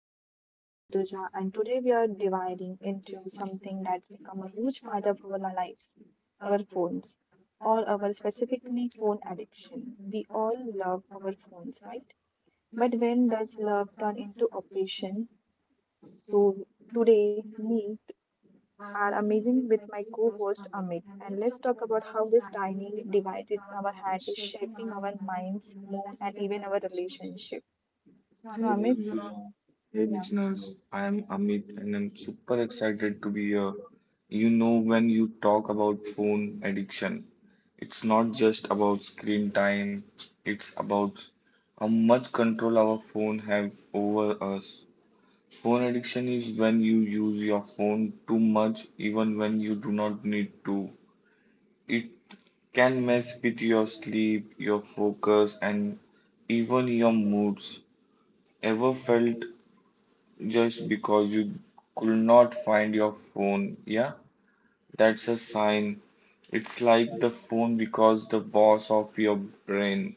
I'm your host Rutuja, and today we are dividing into something that's become a huge part of our lives our phones, or our specifically phone addiction. We all love our phones, right? But when does love turn into a passion? So, today, me are amazing with my co host Amit. And let's talk about how this tiny device in our hand is shaping our minds, mood, and even our relationship. So, Hey Amit, Pooja, yeah. hey listeners, I am Amit and I'm super excited to be here. You know, when you talk about phone addiction, it's not just about screen time, it's about how much control our phone have over us. Phone addiction is when you use your phone too much, even when you do not need to. It can mess with your sleep, your focus, and even your moods. Ever felt just because you could not find your phone? Yeah, that's a sign. It's like the phone because the boss of your brain.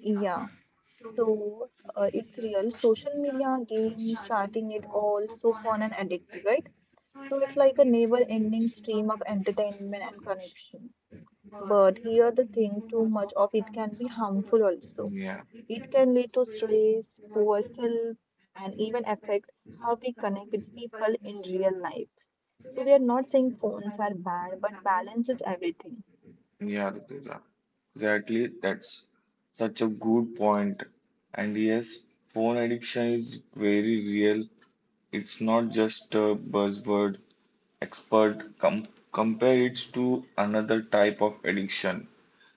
Yeah. So it's real. Social media, games, chatting, it all so fun and addictive, right? So it's like a never-ending stream of entertainment and connection. But here the thing, too much of it can be harmful also. Yeah, It can lead to stress, poor self, and even affect how we connect with people in real life. So we are not saying phones are bad, but balance is everything. yeah, Rutuja. Exactly. That's such a good point. And yes, phone addiction is very real. It's not just a buzzword. Expert compare it to another type of addiction.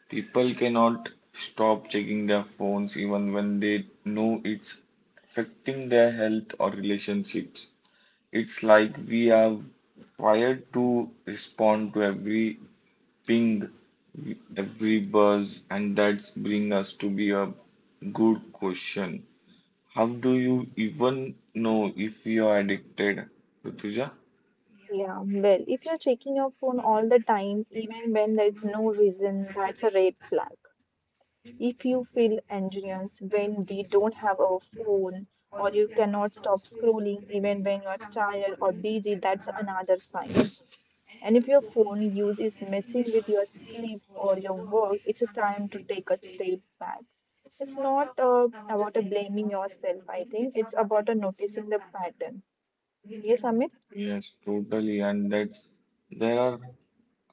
People cannot stop checking their phones even when they know it's affecting their health or relationships. It's like we are wired to respond to every ping, every buzz, and that's bring us to be a good question. How do you even know if you are addicted, Rutuja? Yeah, well, if you're checking your phone all the time, even when there's no reason, that's a red flag. If you feel anxious when we don't have our phone, or you cannot stop scrolling even when you're tired or busy, that's another sign. And if your phone use is messing with your sleep or your work, it's a time to take a step back. It's not about a blaming yourself, I think. It's about a noticing the pattern. Yes, Amit? Yes, totally. And that there are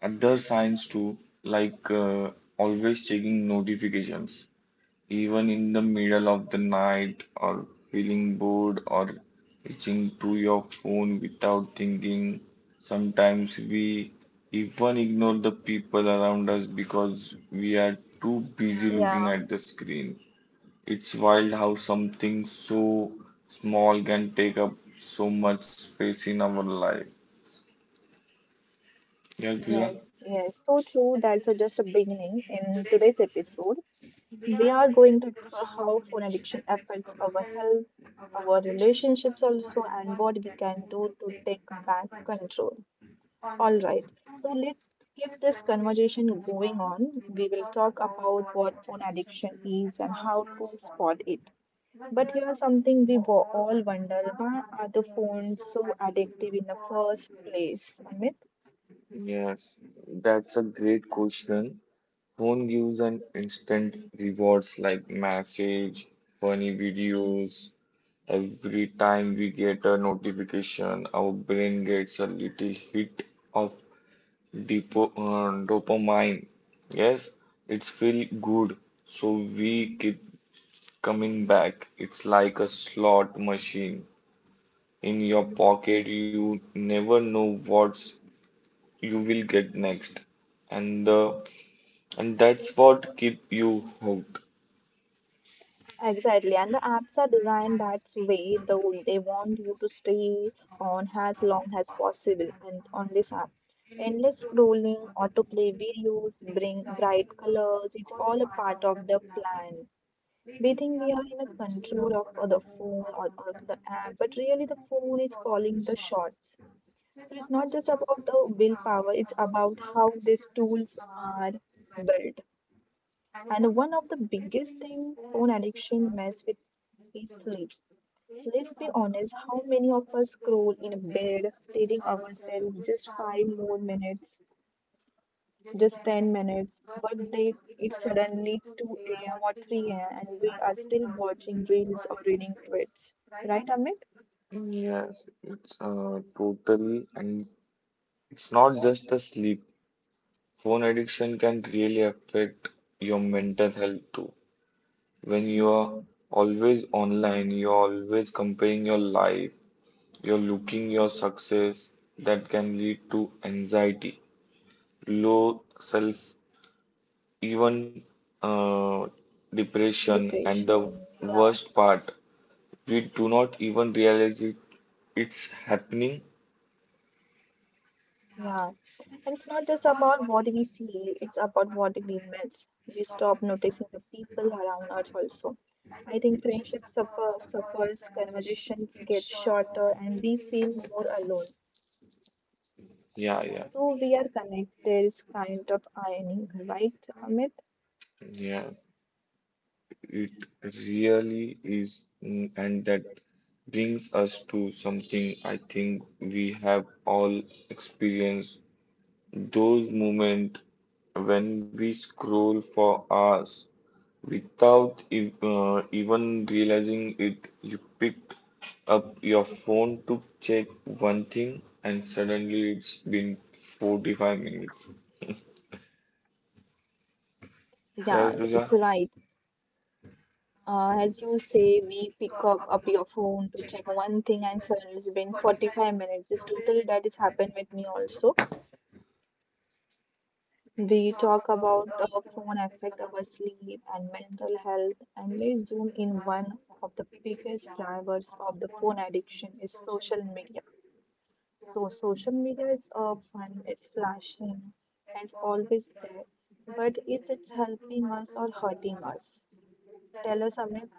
other signs too, like always checking notifications, even in the middle of the night, or feeling bored, or reaching to your phone without thinking. Sometimes we even ignore the people around us because we are too busy looking at the screen. It's wild how something so small can take up so much space in our life. Yeah, Rutuja? Yes, so true. That's a, just a beginning. In today's episode, we are going to explore how phone addiction affects our health, our relationships also, and what we can do to take back control. All right. So let's keep this conversation going on. We will talk about what phone addiction is and how to spot it. But here's something all wonder, why are the phones so addictive in the first place, Amit? Yes, that's a great question. Phone gives an instant rewards like message, funny videos. Every time we get a notification, our brain gets a little hit of depo dopamine. Yes, it's feel good, so we keep coming back. It's like a slot machine. In your pocket, you never know what you will get next. And the And that's what keep you hooked. Exactly, and the apps are designed that way, though they want you to stay on as long as possible and on this app. Endless scrolling, autoplay videos, bring bright colors, it's all a part of the plan. We think we are in a control of the phone or the app, but really the phone is calling the shots. So it's not just about the willpower, it's about how these tools are built. One of the biggest thing phone addiction mess with is sleep. Let's be honest, how many of us scroll in bed, telling ourselves just five more minutes? Just 10 minutes, but they it's suddenly 2 a.m. or 3 a.m. and we are still watching reels or reading tweets. Right, Amit? Yes, it's totally, and it's not just a sleep. Phone addiction can really affect your mental health too. When you are always online, you're always comparing your life, you're looking your success, that can lead to anxiety, low self, even uh, depression, and Depression. the Yeah. worst part, we do not even realize it. It's happening. Yeah. And it's not just about what we see, it's about what we miss. We stop noticing the people around us also. I think suffers, conversations get shorter, and we feel more alone. Yeah, yeah, So we are connected is kind of irony, right, Amit? yeah. It really is. And that brings us to something I think we have all experienced. Those moments when we scroll for hours without even realizing it, you picked up your phone to check one thing, and suddenly it's been 45 minutes. Yeah, Yeah, Rutuja, it's right. As you say, we pick up your phone to check one thing and suddenly it's been 45 minutes. It's totally that is happened with me also. We talk about the phone affect our sleep and mental health, and let's zoom in one of the biggest drivers of the phone addiction is social media. So social media is fun, it's flashing, and it's always there. But is it helping us or hurting us? Tell us, Amit,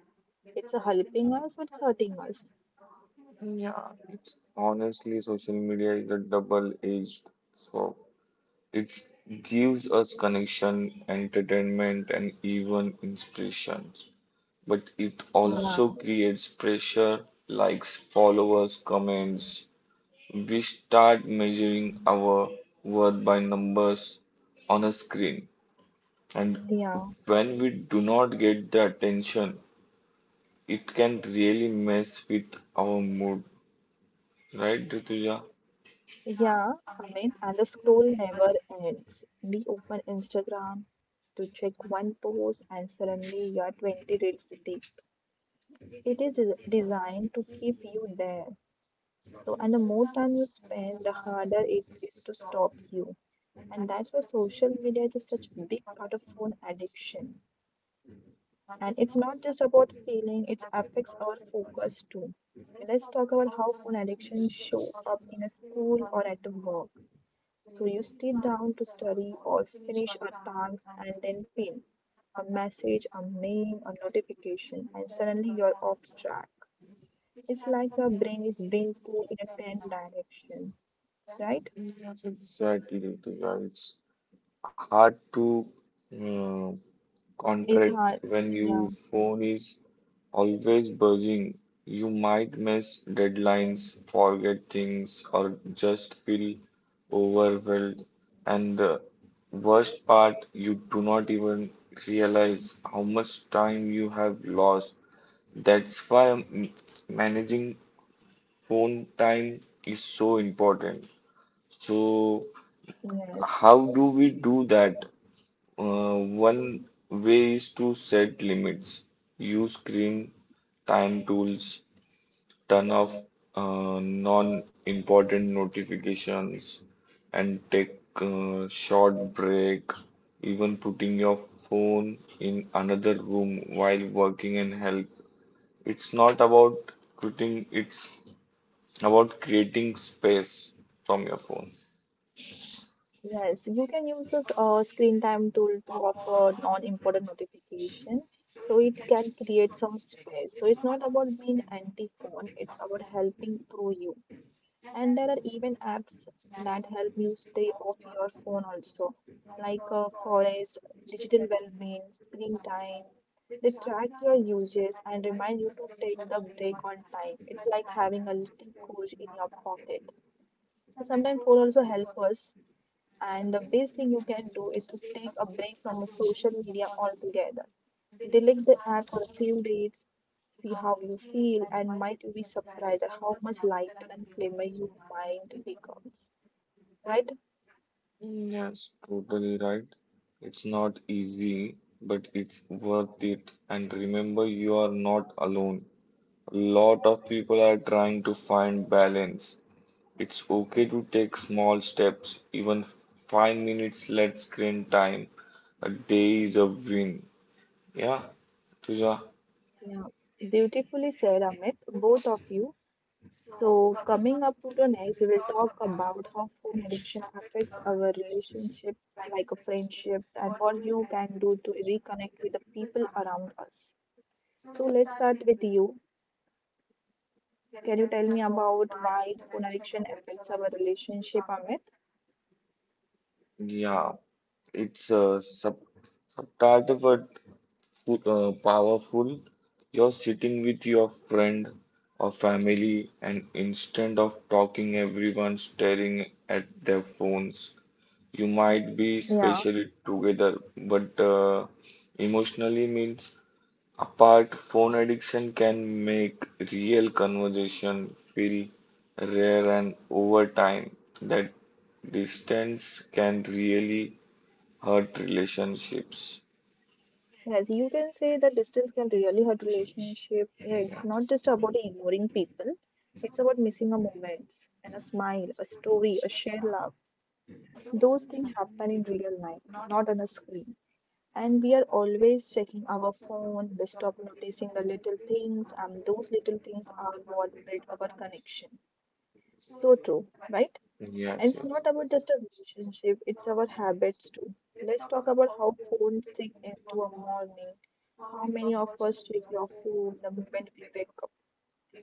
it's helping us or it's hurting us? honestly, social media is a double-edged sword. It gives us connection, entertainment, and even inspiration. But it Yeah, also creates pressure, likes, followers, comments. We start measuring our worth by numbers on a screen. And yeah, when we do not get the attention, it can really mess with our mood. Right, Rituja? yeah, Amit. And the scroll never ends. We open Instagram to check one post, and suddenly you're 20 reels deep. It is designed to keep you there. So, and the more time you spend, the harder it is to stop you. And that's why social media is such a big part of phone addiction. And it's not just about feeling, it affects our focus too. Okay, let's talk about how phone addiction show up in a school or at a work. So you sit down to study or finish a task and then pin a message, a mail, a notification, and suddenly you're off track. It's like your brain is being pulled in a 10 direction right? Exactly, Rutuja. It's hard to uh, It's contract hard. when Yeah. your phone is always buzzing. You might miss deadlines, forget things, or just feel overwhelmed. And the worst part, you do not even realize how much time you have lost. That's why managing phone time is so important. So Yes, how do we do that? One way is to set limits, use screen time tools, turn off non-important notifications, and take a short break. Even putting your phone in another room while working and help. It's not about quitting, it's about creating space from your phone. yes. You can use a screen time tool to offer non-important notification. So it can create some space. So it's not about being anti-phone, it's about helping through you. And there are even apps that help you stay off your phone also, like Forest, Digital Wellbeing, Screen Time. They track your uses and remind you to take the break on time. It's like having a little coach in your pocket. So sometimes phone also help us. And the best thing you can do is to take a break from a social media altogether. Delete the app for a few days, see how you feel, and might be surprised at how much lighter and clearer your mind becomes. Right? Yes, totally right. It's not easy, but it's worth it. And remember, you are not alone. A lot of people are trying to find balance. It's okay to take small steps, even 5 minutes less screen time a day is a win. Yeah, Tuja. Yeah. Beautifully said, Amit, both of you. So, coming up to the next, we will talk about how phone addiction affects our relationships, like a friendship, and what you can do to reconnect with the people around us. So, let's start with you. Can you tell me about why the phone addiction affects our relationship, Amit? Yeah, it's a subtitle powerful. You're sitting with your friend or family, and instead of talking, everyone's staring at their phones. You might be Yeah. spatially together, but emotionally means apart. Phone addiction can make real conversation feel rare, and over time, that distance can really hurt relationships. Yes, you can say that distance can really hurt relationship. Yeah, Yeah. it's not just about ignoring people. It's about missing a moment and a smile, a story, a shared laugh. Those things happen in real life, not on a screen. And we are always checking our phone, we stop noticing the little things, and those little things are what build our connection. So true, right? And Yes, it's not about just a yes. relationship, it's our habits too. Let's talk about how phones sink into a morning. How many of us check your phone the moment we wake up,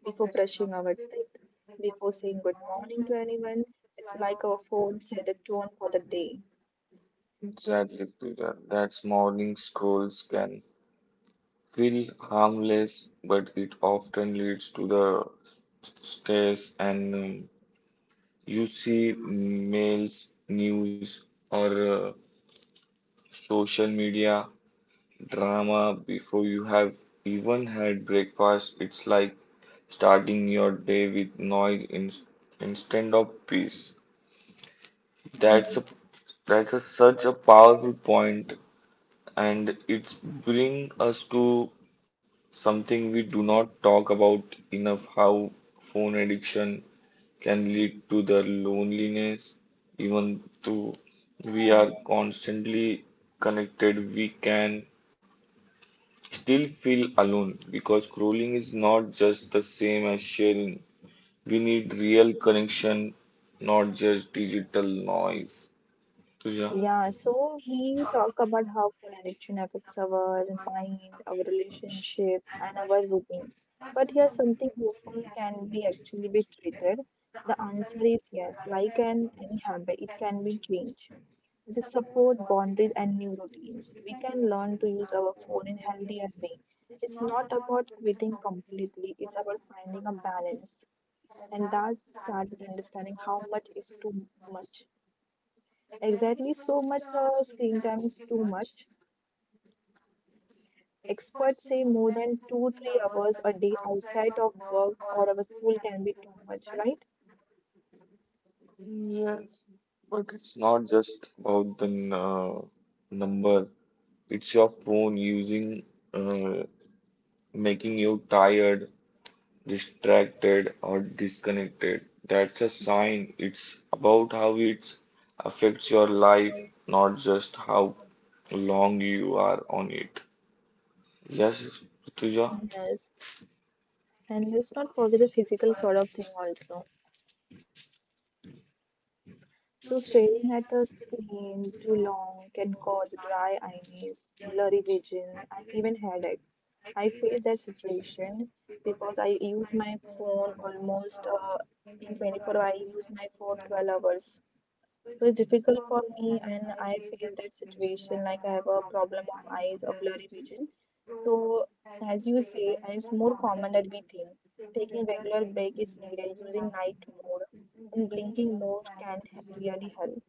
before brushing our teeth, before saying good morning to anyone? It's like our phone set the tone for the day. Exactly, Peter. That's morning scrolls can feel harmless, but it often leads to the stress, and you see mails, news, or social media drama before you have even had breakfast. It's like starting your day with noise in, instead of peace. That's a that's such a powerful point, and it's bring us to something we do not talk about enough, how phone addiction can lead to the loneliness. Even though we are constantly connected, we can still feel alone because scrolling is not just the same as sharing. We need real connection, not just digital noise. 对呀、Yes, Yeah, so we talk about how phone addiction affects our mind, our relationship, and our routines. But here, something hopeful can be actually be treated. The answer is yes. Like an any habit, it can be changed. With the support, boundaries, and new routines, we can learn to use our phone in healthier way. It's not about quitting completely. It's about finding a balance, and that starts with understanding how much is too much. Exactly, so much screen time is too much. Experts say more than two, 3 hours a day outside of work or our school can be too much, right? but it's not just about the number. It's your phone using, uh, making you tired, distracted, or disconnected. That's a sign. It's about how it affects your life, not just how long you are on it. Yes, Tuja. Yes, and let's not forget the physical sort of thing also. So staring at a screen too long can cause dry eyes, blurry vision, and even headache. I face that situation because I use my phone almost in 24 I use my phone 12 hours. So it's difficult for me, and I face that situation like I have a problem of eyes or blurry vision. So, as you say, and it's more common than we think. Taking regular break is needed. Using night mode and blinking mode really help.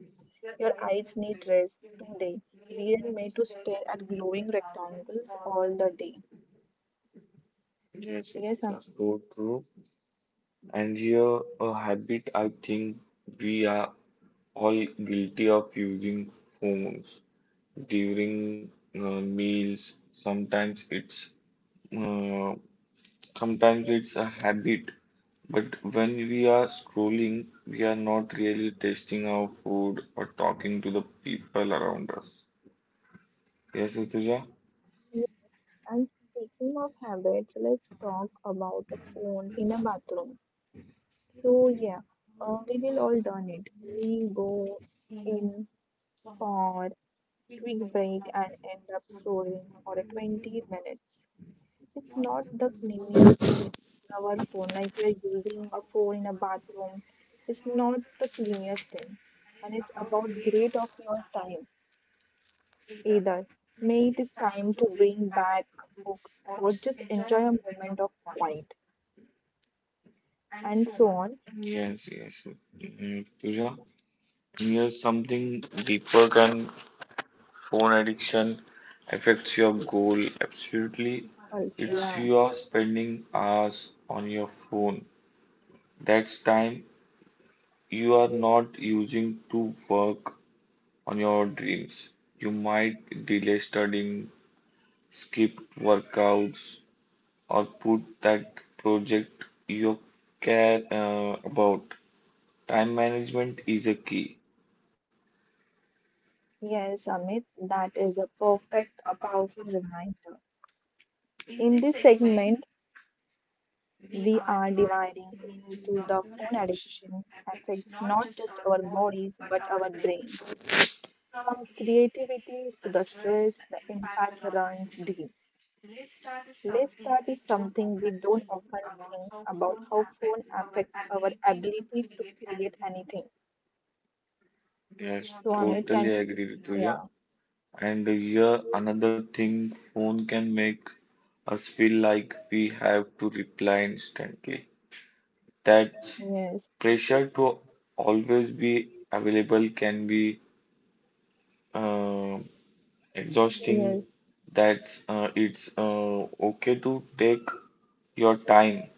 Your eyes need rest today. We are made to stare at glowing rectangles all the day. Yes, Yes, it's I'm- so true. And here, a habit I think we are all guilty of using phones during meals. Uh, sometimes it's a habit, but when we are scrolling, we are not really tasting our food or talking to the people around us. Yes, Utuja? yes. And speaking of habits, let's talk about a phone in a bathroom. So yeah, we will all done it. We go in for quick break and end up scrolling for a 20 minutes. It's not the cleanest place for our phone, like we are using a phone in a bathroom. It's not the cleanest thing, and it's about great of your time either. May it is time to bring back books or just enjoy a moment of quiet and so on. Yes, yes. Pooja, here's something deeper. Can Phone addiction affects your goal absolutely. Also, It's yeah. you are spending hours on your phone. That's time you are not using to work on your dreams. You might delay studying, skip workouts, or put that project you care about. Time management is a key. Yes, Amit, that is a perfect, a powerful reminder. In this segment, we are dividing into the phone addiction affects not just our bodies but our brains. From creativity to the stress, the impact runs deep. Let's start with something we don't often think about how phone affects our ability to create anything. So Yes, Amit can, totally agree, yeah, Rituja. And here another thing, phone can make us feel like we have to reply instantly. That yes, pressure to always be available can be uh, yes. exhausting. That It's okay to take your time.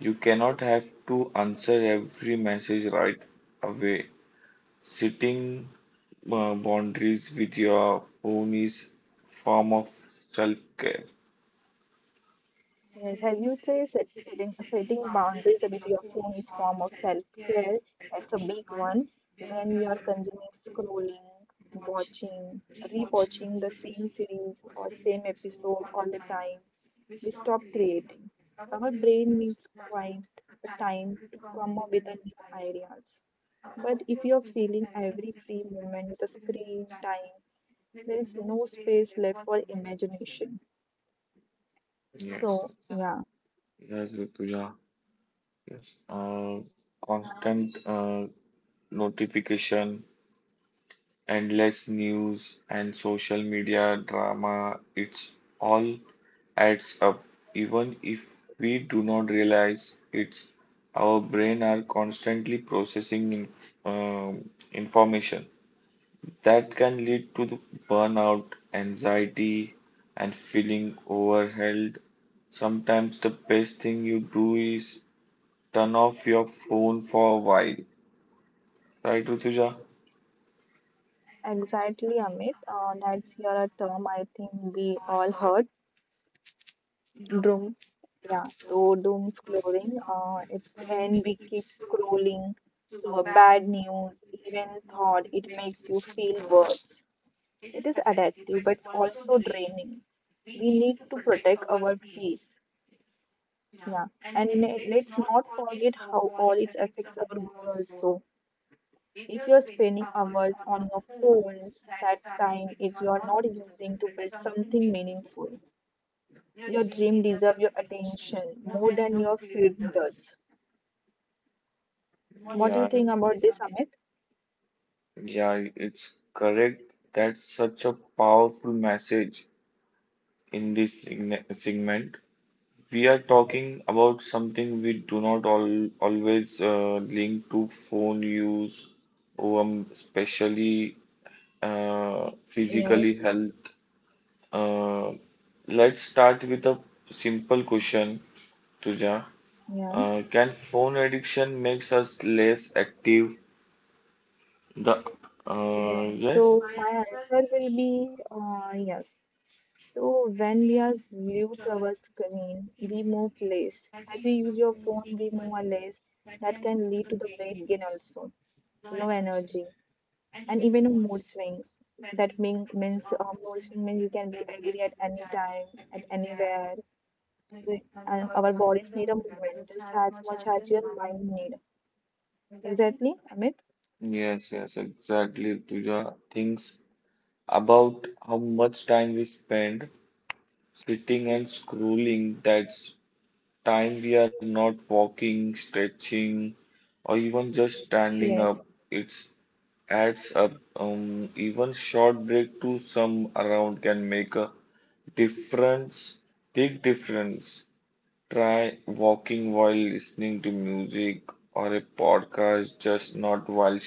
You cannot have to answer every message right away. Setting boundaries with your phone is form of self-care. Yes, as you say, setting boundaries with your phone is form of self-care. That's a big one. When we are consuming, scrolling, watching, rewatching the same series or same episode all the time, we stop creating. Our brain needs quite a time to come up with a new ideas. But if you're filling every free moment with a screen time, there is no space left for imagination. Yes, So, yeah. yes, Rituja. Yes, constant notification, endless news, and social media drama, it's all adds up. Even if we do not realize it's our brain are constantly processing um information that can lead to the burnout, anxiety, and feeling overwhelmed. Sometimes the best thing you do is turn off your phone for a while. Right, Rutuja? Exactly, Amit. That's here a term I think we all heard. Doom. Yeah, so doom scrolling. It's when we keep scrolling through a bad news, even thought it makes you feel worse. It is addictive, but it's also draining. We need to protect our peace. Yeah, let's not forget how all it affects our goal also. If you're spending hours on your phones, that time is you're not using to build something meaningful. Your dream deserves your attention more than your feed does. What do you Yeah, think about this, Amit? yeah, it's correct. That's such a powerful message in this segment. We are talking about something we do not always link to phone use, especially Yes, physically health. Uh, let's start with a simple question, Tuja. Yeah. Can phone addiction makes us less active? The yes, Yes, So my answer will be yes. So when we are glued to our screen, we move less. As we use your phone, we move our less. That can lead to the weight gain also, low energy, and even on mood swings that means mood swing means you can be angry at any time at anywhere We- and our bodies need a movement just as much as your mind need exactly amit yes, yes, exactly. Tuja thinks about how much time we spend sitting and scrolling. That's time we are not walking, stretching, or even just standing up. yes It adds up. Even short break to some around can make a Difference, big difference. Try walking while listening to music or a podcast, just not while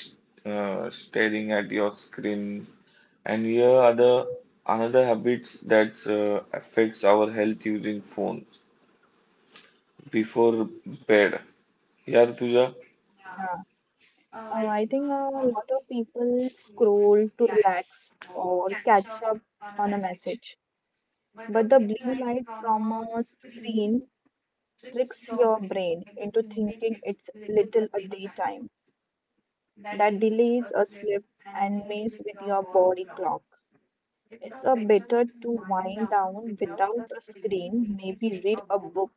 staring at your screen. And here are the another habits that affects our health using phones before bed. Yeah, Rituja? yeah I think a lot of people scroll to relax or catch up on a message but the blue light from a screen tricks your brain into thinking it's little a daytime that delays a slip and mess with your body clock. It's a better to wind down without a screen, maybe read a book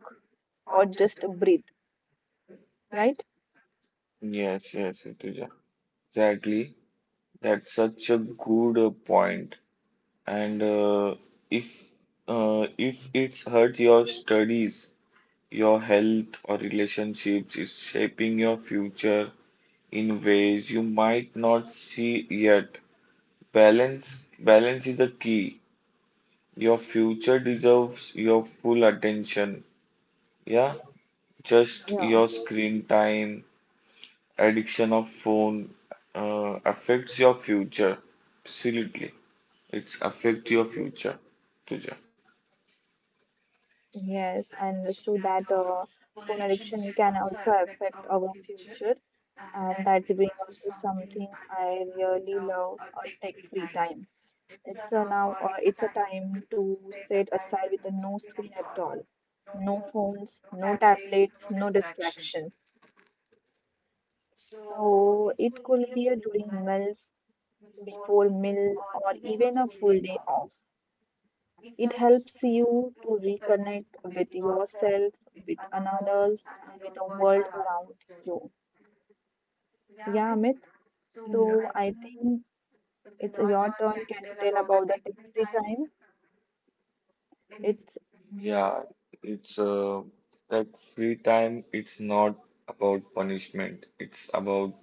or just breathe, right? Yes, yes, Rituja. Exactly. That's such a good point. And uh, if uh, if it's hurt your studies, your health, or relationships is shaping your future in ways you might not see yet. Balance, balance is the key. Your future deserves your full attention. Yeah, just Yeah. your screen time, addiction of phone, affects your future. Absolutely, it's affect your future, Tuja. Yes, I understood that phone addiction can also affect our future, and that's bring us to something I really love, a tech-free time. It's a now it's a time to set aside with a no screen at all. No phones, no tablets, no distraction. So it could be a during meals, before meal, or even a full day off. It helps you to reconnect with yourself, with another's, and with the world around you. Yeah, Amit. So I think it's your turn. Can you tell about the tech-free time? It Yeah, it's that free time. It's not about punishment. It's about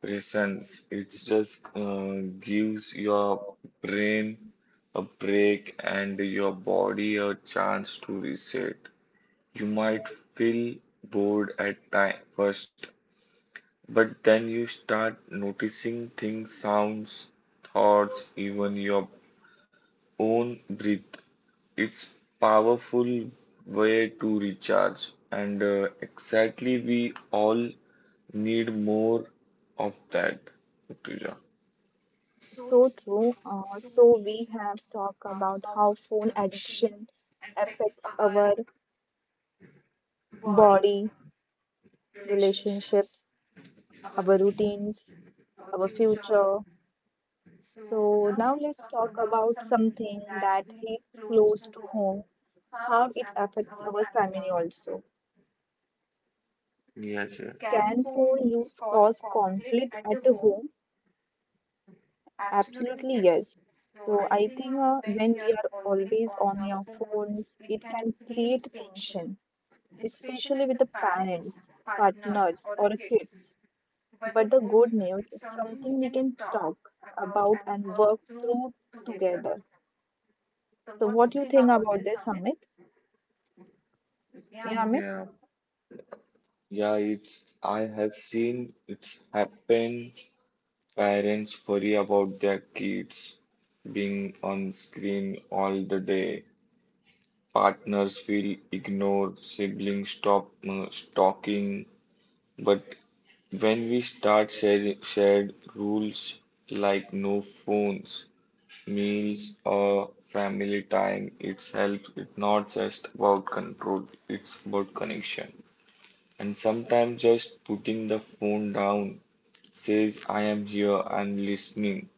presence. It just gives your brain a break and your body a chance to reset. You might feel bored at time first, but then you start noticing things, sounds, thoughts, even your own breath. It's powerful way to recharge, and exactly we all need more of that, Rutuja. So true. So we have talked about how phone addiction affects our body, relationships, our routines, our future. So now let's talk about something that hits close to home, how it affects our family also. Yes, yes. Can phone use cause conflict at the home? Absolutely, yes. So I think when we are always on our phones, it can create tension especially with the parents, partners, or kids. But the good news, it's something we can talk about and work through together. So, what do you think about this, Amit? Yeah, Amit? Yeah, it's I have seen it's happen. Parents worry about their kids being on screen all the day. Partners feel ignored, siblings stop talking. But when we start sharing shared rules like no phones, meals, or family time, it's helps. It's not just about control, it's about connection. And sometimes just putting the phone down says, I am here and listening.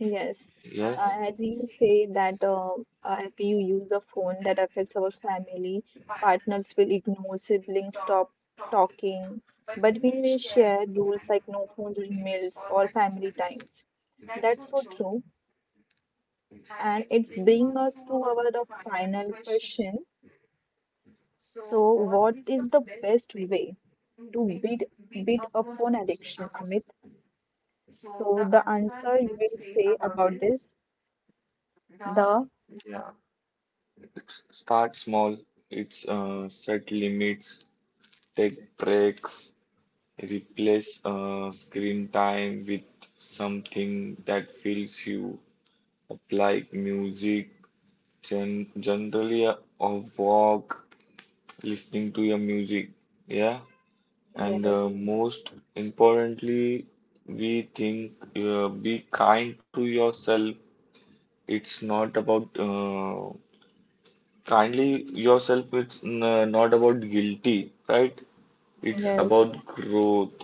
Yes. Yes, As you say that if you use a phone that affects our family, partners will ignore, siblings stop talking. But when we share rules like no phones during meals or family times, that's so true. And it's bringing us to our the final question. So, what is the best way to beat up phone addiction, Amit? So, the answer you will say about this. The yeah. It's start small, it's set limits, take breaks, replace screen time with something that fills you up, like music, generally a walk, listening to your music. Yeah, and yes, most importantly, we think be kind to yourself. It's not about kindly yourself, it's n not about guilty, right? It's yes, about growth.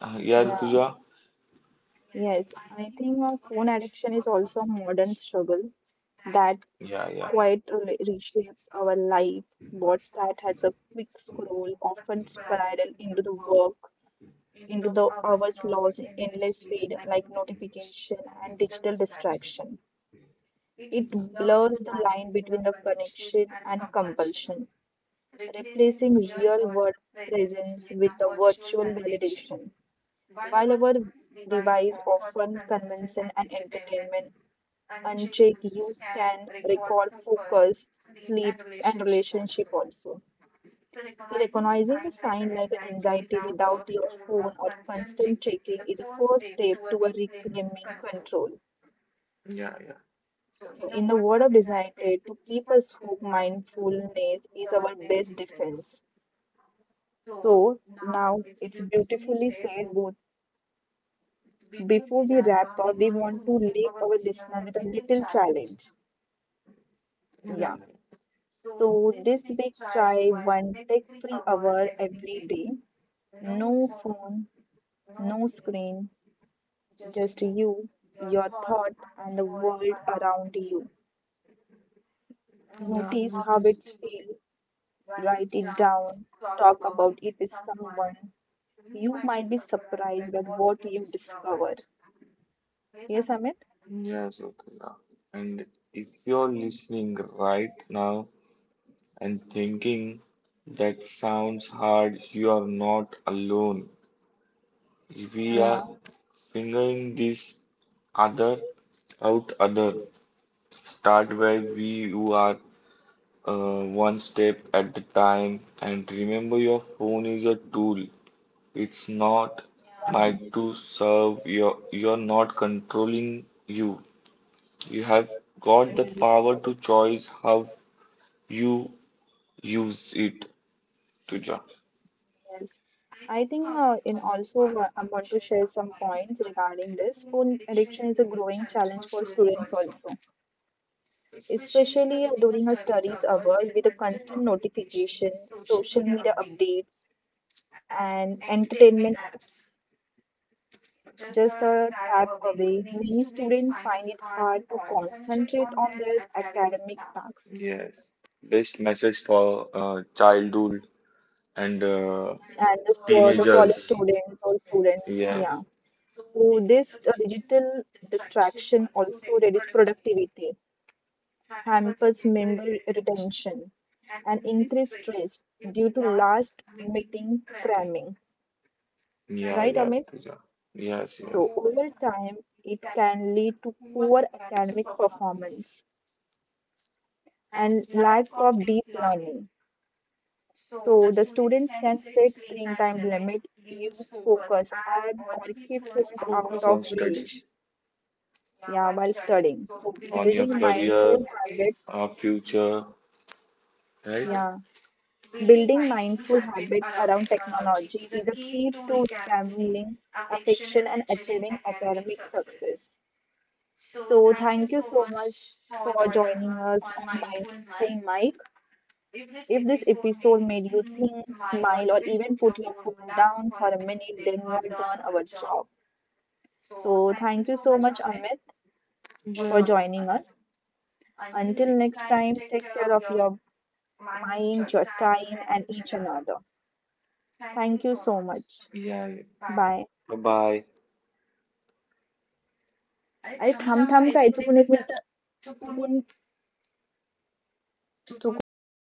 Yeah, yeah, Rituja? yes. I think phone addiction is also a modern struggle that Yeah, yeah. quite reshapes our life. What start as a quick scroll often spiral into the work into the hours lost in endless feed like notification and digital distraction. It blurs the line between the connection and compulsion, replacing real world presence with a virtual validation. While our device often convention and entertainment, unchecked use can record focus, sleep, and relationship also. So, recognizing the sign like anxiety without your phone or constant checking is a first step to a reclaiming control. Yeah, yeah, So, in the world of desire, to keep us hooked, mindfulness is our best defense. So, now it's beautifully said. Both before we wrap up, we want to leave our listener with a little challenge. yeah, Yeah. So this week, try one tech-free hour every day. No phone, no screen, just you, your thought, and the world around you. Notice how it's feel, write it down, talk about it with someone. You might be surprised at what you discover. Yes, Amit? yeah, so, yeah. And if you're listening right now and thinking that sounds hard, you are not alone. We are Yeah, figuring this other out other. Start where we you are one step at a time, and remember your phone is a tool. It's not yeah, meant yes. to serve you, you're not controlling you have got the power to choose how you use it, Tuja. Yes. I think in also I want to share some points regarding this. Phone addiction is a growing challenge for students also, especially during our studies hour with the constant notifications, social media updates, and entertainment apps. Just a tap away, many students find it hard to concentrate on their academic tasks. Yes, best message for childhood and And this for the teenagers. college students or students, yeah. Yes, So this digital distraction also reduces productivity, hampers memory retention, and increased stress due to last meeting cramming. yeah, Right, yeah, Amit? Tuja. Yes, yes. So, over time, it can lead to poor academic performance and lack of deep learning. So, the students can set screen time limit, use focus app, or keep phones out Focus of reach. Yeah, while studying. So, building mindful habits. Future. Yeah, building mindful habits around technology is a key to reclaiming affection and achieving academic success. So, thank you so much for joining us on Mindful Mike. If this episode made you think, smile, or even put your phone down for a minute, then you have done our job. So, thank you so much, Amit, for joining us. Until next time, take care of your mind, your time, and each another. Thank you so much. Yeah. Yeah. Bye. Bye bye. अरे थांब थांब काय चुकून एक minute चुकून चुकून एक minute